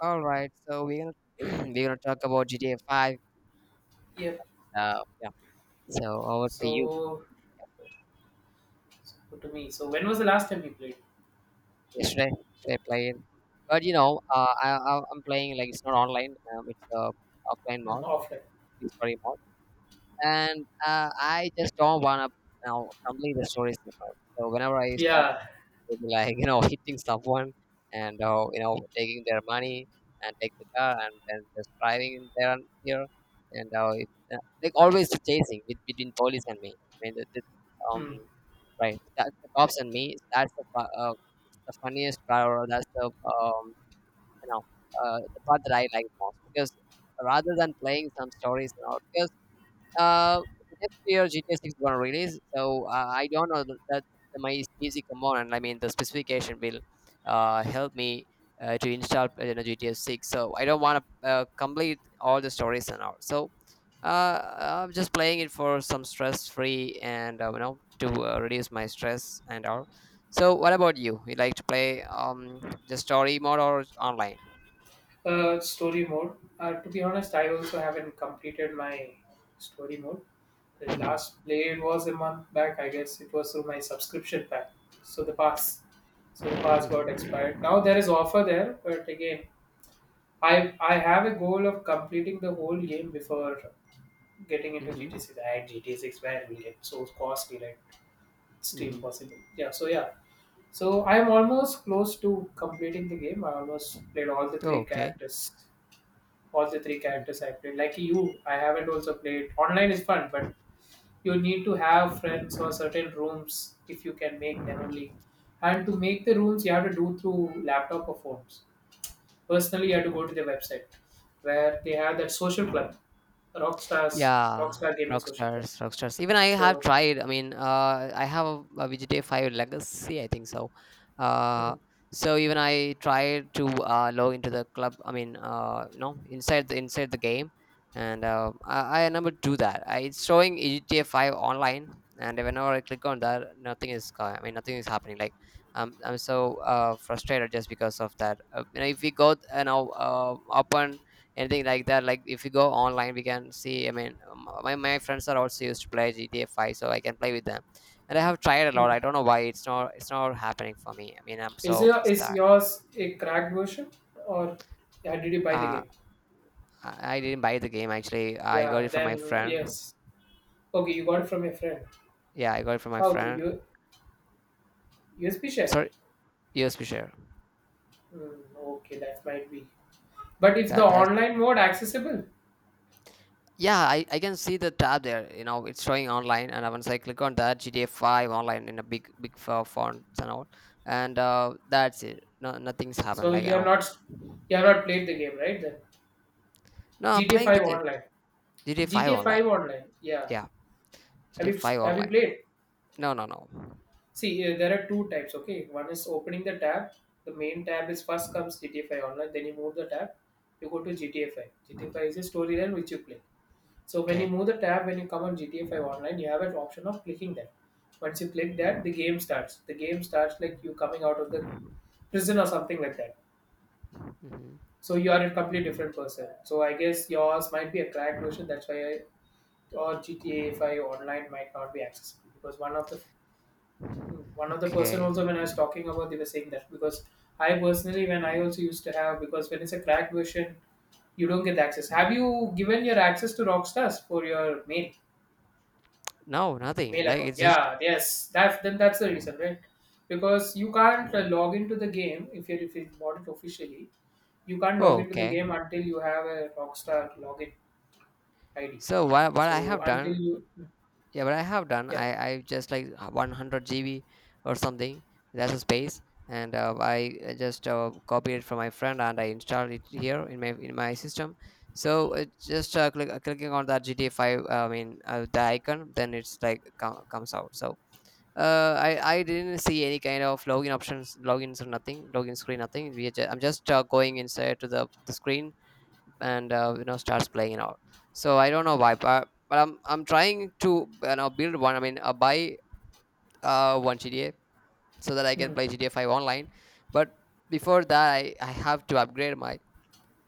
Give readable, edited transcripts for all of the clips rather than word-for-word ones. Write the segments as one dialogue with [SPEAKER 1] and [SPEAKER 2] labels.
[SPEAKER 1] All right, so we're gonna we're gonna talk about GTA Five.
[SPEAKER 2] Yep.
[SPEAKER 1] Uh, yeah. So over to you.
[SPEAKER 2] So, so to me. So when was the last time you played?
[SPEAKER 1] Yesterday, should I play it? But I'm playing, like it's not online. It's a offline
[SPEAKER 2] Mm,
[SPEAKER 1] mode,
[SPEAKER 2] offline.
[SPEAKER 1] story mode, and I just don't wanna complete the stories. So whenever I start
[SPEAKER 2] Yeah.
[SPEAKER 1] they'll be like, hitting someone and taking their money, and take the car and then just driving in there and here. And like always chasing with, between police and me. I mean, um,
[SPEAKER 2] Hmm.
[SPEAKER 1] the cops and me, that's the funniest part, or that's you know, the part that I like most, because rather than playing some stories and all, because uh, next year GTA Six is gonna release, so I don't know that my PC component, I mean, the specification will help me to install GTA Six. So I don't want to complete all the stories and all. So I'm just playing it for some stress free and to reduce my stress and all. So what about you? You like to play the story mode or online?
[SPEAKER 2] Story mode. To be honest, I also haven't completed my story mode. The
[SPEAKER 1] Hmm.
[SPEAKER 2] last played was a month back, I guess. It was through my subscription pack. So the pass. So the pass got expired.
[SPEAKER 1] Hmm.
[SPEAKER 2] Now there is offer there, but again, I have a goal of completing the whole game before getting into
[SPEAKER 1] Hmm.
[SPEAKER 2] GT6. I had GT6 where it will get so costly, right? It's still
[SPEAKER 1] Hmm.
[SPEAKER 2] impossible. Yeah. So yeah, so I am almost close to completing the game. I almost played all the three
[SPEAKER 1] Okay.
[SPEAKER 2] characters, all the three characters I played. Like you, I haven't also played. Online is fun, but you need to have friends or certain rooms if you can make them only. And to make the rooms, you have to do through laptop or phones. Personally, you have to go to the website where they have that social club, Rockstars,
[SPEAKER 1] Yeah,
[SPEAKER 2] Rockstar Gaming Social Club.
[SPEAKER 1] Rockstars, Rockstars. Even I have
[SPEAKER 2] So.
[SPEAKER 1] tried. I mean, I have a VGTA 5 Legacy, I think so.
[SPEAKER 2] Mm,
[SPEAKER 1] Uh, so even I tried to log into the club. I mean, inside the game, and I never do that. It's showing VGTA 5 online, and whenever I click on that, nothing is. Co- I mean, nothing is happening. Like, I'm so frustrated just because of that. If we go, open anything like that. If you go online, we can see. I mean, my friends are also used to play GTA 5, so I can play with them. And I have tried a lot. I
[SPEAKER 2] mm.
[SPEAKER 1] don't know why it's not happening for me. I mean, I'm
[SPEAKER 2] Is
[SPEAKER 1] so
[SPEAKER 2] your is
[SPEAKER 1] stuck.
[SPEAKER 2] yours a cracked version? Or yeah, did you buy the
[SPEAKER 1] uh
[SPEAKER 2] game?
[SPEAKER 1] i I didn't buy the game, actually I got
[SPEAKER 2] Yeah,
[SPEAKER 1] it from my
[SPEAKER 2] then
[SPEAKER 1] friend.
[SPEAKER 2] yes. Okay, you got it from your friend.
[SPEAKER 1] Yeah, I got it from my
[SPEAKER 2] How, through
[SPEAKER 1] friend.
[SPEAKER 2] USB share?
[SPEAKER 1] Sorry. USB share.
[SPEAKER 2] Hmm, okay, that might be. But is the
[SPEAKER 1] That that's
[SPEAKER 2] online mode accessible?
[SPEAKER 1] Yeah, I can see the tab there, it's showing online. And once I click on that GTA 5 online, in a big font and all, and that's it. No, nothing's happened.
[SPEAKER 2] So
[SPEAKER 1] Like I
[SPEAKER 2] you have
[SPEAKER 1] No.
[SPEAKER 2] not you have not played the game, right? Then
[SPEAKER 1] I'm
[SPEAKER 2] GTA
[SPEAKER 1] playing the
[SPEAKER 2] 5
[SPEAKER 1] game.
[SPEAKER 2] online.
[SPEAKER 1] GTA 5
[SPEAKER 2] GTA
[SPEAKER 1] Online.
[SPEAKER 2] 5 online. Yeah.
[SPEAKER 1] Yeah,
[SPEAKER 2] Have
[SPEAKER 1] GTA
[SPEAKER 2] you
[SPEAKER 1] 5
[SPEAKER 2] have you
[SPEAKER 1] Online.
[SPEAKER 2] played?
[SPEAKER 1] No, no, no.
[SPEAKER 2] See, there are two types, okay? One is opening the tab. The main tab is first comes GTA 5 online, then you move the tab, you go to GTA 5. GTA 5 is a storyline which you play. So when you
[SPEAKER 1] Okay.
[SPEAKER 2] move the tab, when you come on GTA 5 online, you have an option of clicking that. Once you click that, the game starts. The game starts like you coming out of the prison or something like that.
[SPEAKER 1] Hmm.
[SPEAKER 2] So you are a completely different person. So I guess yours might be a cracked version, that's why I, or GTA 5 online might not be accessible, because one of the person
[SPEAKER 1] Okay.
[SPEAKER 2] also when I was talking about, they were saying that. Because I personally, when I also used to have, because when it's a cracked version you don't get the access. Have you given your access to Rockstars for your mail
[SPEAKER 1] No, nothing.
[SPEAKER 2] mail
[SPEAKER 1] Like
[SPEAKER 2] account?
[SPEAKER 1] it's just...
[SPEAKER 2] Yeah, yes. That, then that's the reason, right? Because you can't log into the game if you bought it officially. You can't log
[SPEAKER 1] Oh,
[SPEAKER 2] into the
[SPEAKER 1] okay.
[SPEAKER 2] game until you have a Rockstar login ID.
[SPEAKER 1] So what I
[SPEAKER 2] So
[SPEAKER 1] have
[SPEAKER 2] until
[SPEAKER 1] done?
[SPEAKER 2] you,
[SPEAKER 1] Yeah, what I have done,
[SPEAKER 2] yeah.
[SPEAKER 1] I just like 100 GB or something. That's a space, and I just copied it from my friend, and I installed it here in my system. So it just clicking on that GTA 5. I mean, the icon, then it's like comes out. So I didn't see any kind of login options, logins or nothing, login screen, nothing. I'm just going inside to the screen, and starts playing and all. So I don't know why, but I'm trying to build one. I mean, buy one GTA so that I can
[SPEAKER 2] Hmm.
[SPEAKER 1] play GTA 5 online. But before that, I have to upgrade my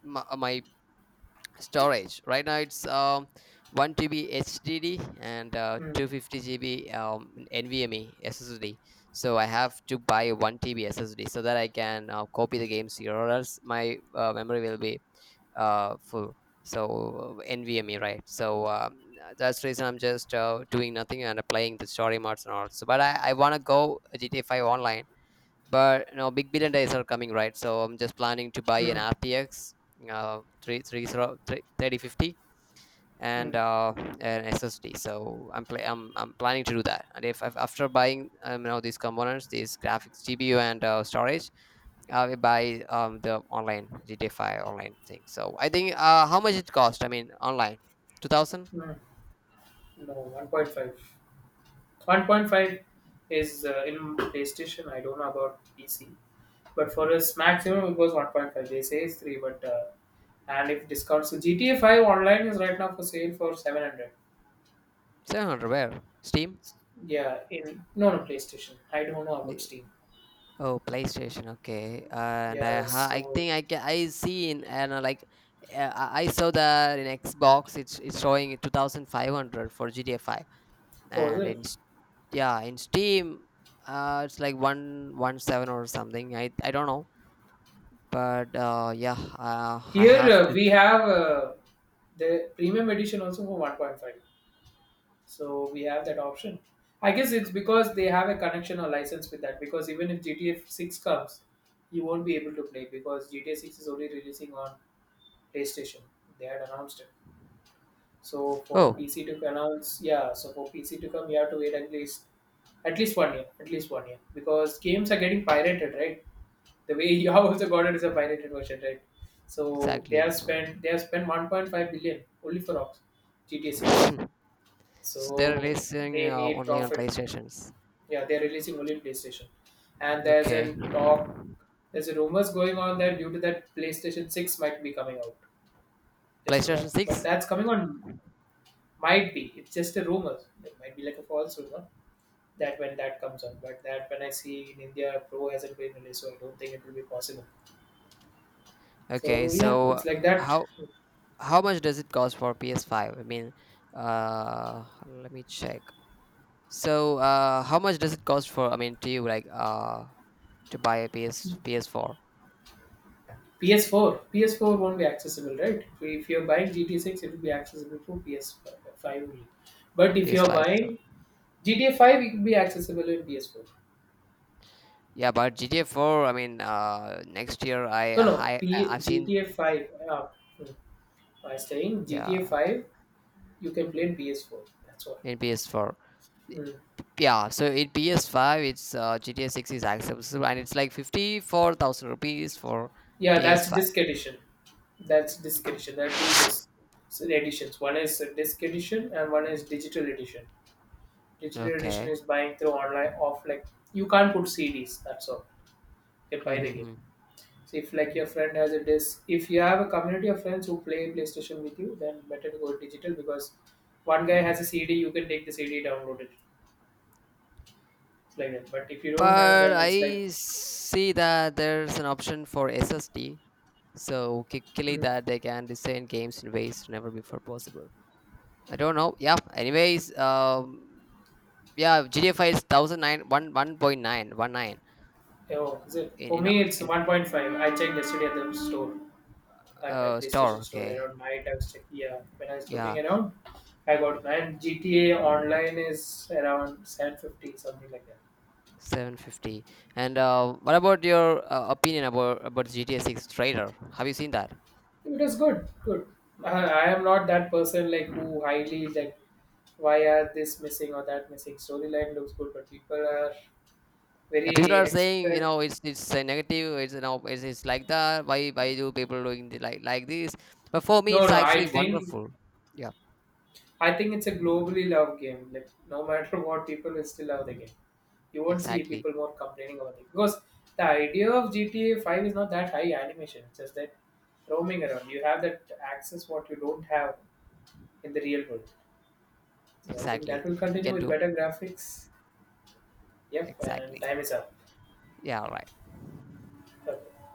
[SPEAKER 1] my, my storage. Right now it's 1 TB hdd and
[SPEAKER 2] Hmm.
[SPEAKER 1] 250 GB, nvme ssd. So I have to buy 1 TB ssd so that I can copy the games here, or else my memory will be full. So nvme, right? So that's the reason I'm just doing nothing and playing the story modes and all. So but I want to go GTA 5 online. But big billion days are coming, right? So I'm just planning to buy an
[SPEAKER 2] Hmm.
[SPEAKER 1] rtx 3 three zero- three- 3050 and
[SPEAKER 2] Hmm.
[SPEAKER 1] an ssd. So I'm planning to do that. And if after buying these components, these graphics gpu and storage, I will buy the online GTA 5 online thing. So I think how much it cost. I mean, online, 2700?
[SPEAKER 2] Hmm. No, 1.5. 1.5 is in PlayStation. I don't know about PC, but for us maximum it was 1.5. They say it's three, but and if discounts, so GTA 5 online is right now for sale for 700.
[SPEAKER 1] Where? Steam?
[SPEAKER 2] Yeah, in no, no PlayStation. I don't know about Steam.
[SPEAKER 1] Oh, PlayStation. Okay, and
[SPEAKER 2] Yeah,
[SPEAKER 1] I
[SPEAKER 2] so
[SPEAKER 1] think I can I see in, and like I saw that in Xbox it's showing 2,500 for GTA Five,
[SPEAKER 2] oh, is
[SPEAKER 1] and in
[SPEAKER 2] it?
[SPEAKER 1] Yeah, in Steam it's like 117 or something. I don't know, but yeah, I
[SPEAKER 2] Here
[SPEAKER 1] have to.
[SPEAKER 2] we have the premium edition also for 1.5. So we have that option. I guess it's because they have a connection or license with that. Because even if GTA 6 comes, you won't be able to play because GTA 6 is only releasing on PlayStation. They had announced it. So for
[SPEAKER 1] Oh,
[SPEAKER 2] PC to announce, yeah. So for PC to come, you have to wait at least one year. At least one year, because games are getting pirated, right? The way you have also got it is a pirated version, right? So they
[SPEAKER 1] exactly.
[SPEAKER 2] have spent they have spent 1.5 billion only for Ops, GTA 6.
[SPEAKER 1] So they're
[SPEAKER 2] So
[SPEAKER 1] releasing
[SPEAKER 2] they need
[SPEAKER 1] only on
[SPEAKER 2] profit.
[SPEAKER 1] PlayStations.
[SPEAKER 2] Yeah, they're releasing only in PlayStation. And
[SPEAKER 1] Okay,
[SPEAKER 2] there's a rumors going on that due to that, PlayStation 6 might be coming out just for
[SPEAKER 1] PlayStation
[SPEAKER 2] that. But
[SPEAKER 1] Six.
[SPEAKER 2] that's coming on, might be. It's just a rumor. It might be like a false rumor, that when that comes out. But that when I see in India, Pro hasn't been released, so I don't think it will be possible.
[SPEAKER 1] Okay,
[SPEAKER 2] So yeah, it's like that.
[SPEAKER 1] how how much does it cost for PS5? I mean, let me check. So, how much does it cost for? I mean, to you, like, to buy a PS PS4,
[SPEAKER 2] PS4 won't be accessible, right? If you're buying GTA 6, it will be accessible through PS5 only. But if you're
[SPEAKER 1] PS5. So,
[SPEAKER 2] buying GTA 5, it will be accessible in PS4.
[SPEAKER 1] yeah, but GTA 4. I mean, next year
[SPEAKER 2] No, no.
[SPEAKER 1] I've seen.
[SPEAKER 2] GTA 5. Mm. I was saying GTA
[SPEAKER 1] Yeah,
[SPEAKER 2] 5, you can play in PS4. That's all.
[SPEAKER 1] in PS4. Y-
[SPEAKER 2] Mm.
[SPEAKER 1] Yeah, so in PS5, it's GTA 6 is accessible, so, and it's like 54,000 rupees for
[SPEAKER 2] Yeah, that's
[SPEAKER 1] PS5.
[SPEAKER 2] disc edition. That's disc edition. There are two disc editions. One is a disc edition and one is digital edition. Digital edition
[SPEAKER 1] Okay.
[SPEAKER 2] is buying through online, off like you can't put CDs. That's all. You buy the game.
[SPEAKER 1] Mm-hmm.
[SPEAKER 2] So if like your friend has a disc, if you have a community of friends who play PlayStation with you, then better to go digital, because one guy has a CD, you can take the CD, download it. It's like that. But if you don't have,
[SPEAKER 1] But
[SPEAKER 2] then it's like,
[SPEAKER 1] I see that there's an option for SSD, so clearly
[SPEAKER 2] hmm,
[SPEAKER 1] that they can design games in ways never before possible. I don't know. Yeah. Anyways, yeah, GTA 5 is thousand nine one 1.919
[SPEAKER 2] oh, is it?
[SPEAKER 1] in
[SPEAKER 2] For me, it's 1.5. I checked yesterday at the store, at my PlayStation
[SPEAKER 1] store.
[SPEAKER 2] store
[SPEAKER 1] Okay.
[SPEAKER 2] around night. I was checking, yeah, when I was looking
[SPEAKER 1] Yeah,
[SPEAKER 2] around, I got. And GTA Online is around 750, something like that.
[SPEAKER 1] 750. And what about your opinion about GTA 6 trailer? Have you seen that?
[SPEAKER 2] It is good, good. I am not that person like who highly like why are this missing or that missing. Storyline looks good, but people are
[SPEAKER 1] Yeah, people
[SPEAKER 2] very
[SPEAKER 1] are saying,
[SPEAKER 2] expect.
[SPEAKER 1] it's negative. It's you know, it's like that. Why do people doing like this? But for me,
[SPEAKER 2] No,
[SPEAKER 1] it's
[SPEAKER 2] no, I
[SPEAKER 1] actually
[SPEAKER 2] think
[SPEAKER 1] wonderful. Yeah,
[SPEAKER 2] I think it's a globally loved game. Like no matter what, people will still love the game. You won't see
[SPEAKER 1] exactly,
[SPEAKER 2] people more complaining about it, because the idea of GTA Five is not that high animation. It's just that roaming around. You have that access what you don't have in the real world. So I think
[SPEAKER 1] exactly.
[SPEAKER 2] that will
[SPEAKER 1] We
[SPEAKER 2] continue
[SPEAKER 1] can
[SPEAKER 2] with
[SPEAKER 1] do
[SPEAKER 2] better graphics. Yep, and
[SPEAKER 1] exactly.
[SPEAKER 2] time is up.
[SPEAKER 1] Yeah, all right.
[SPEAKER 2] Okay.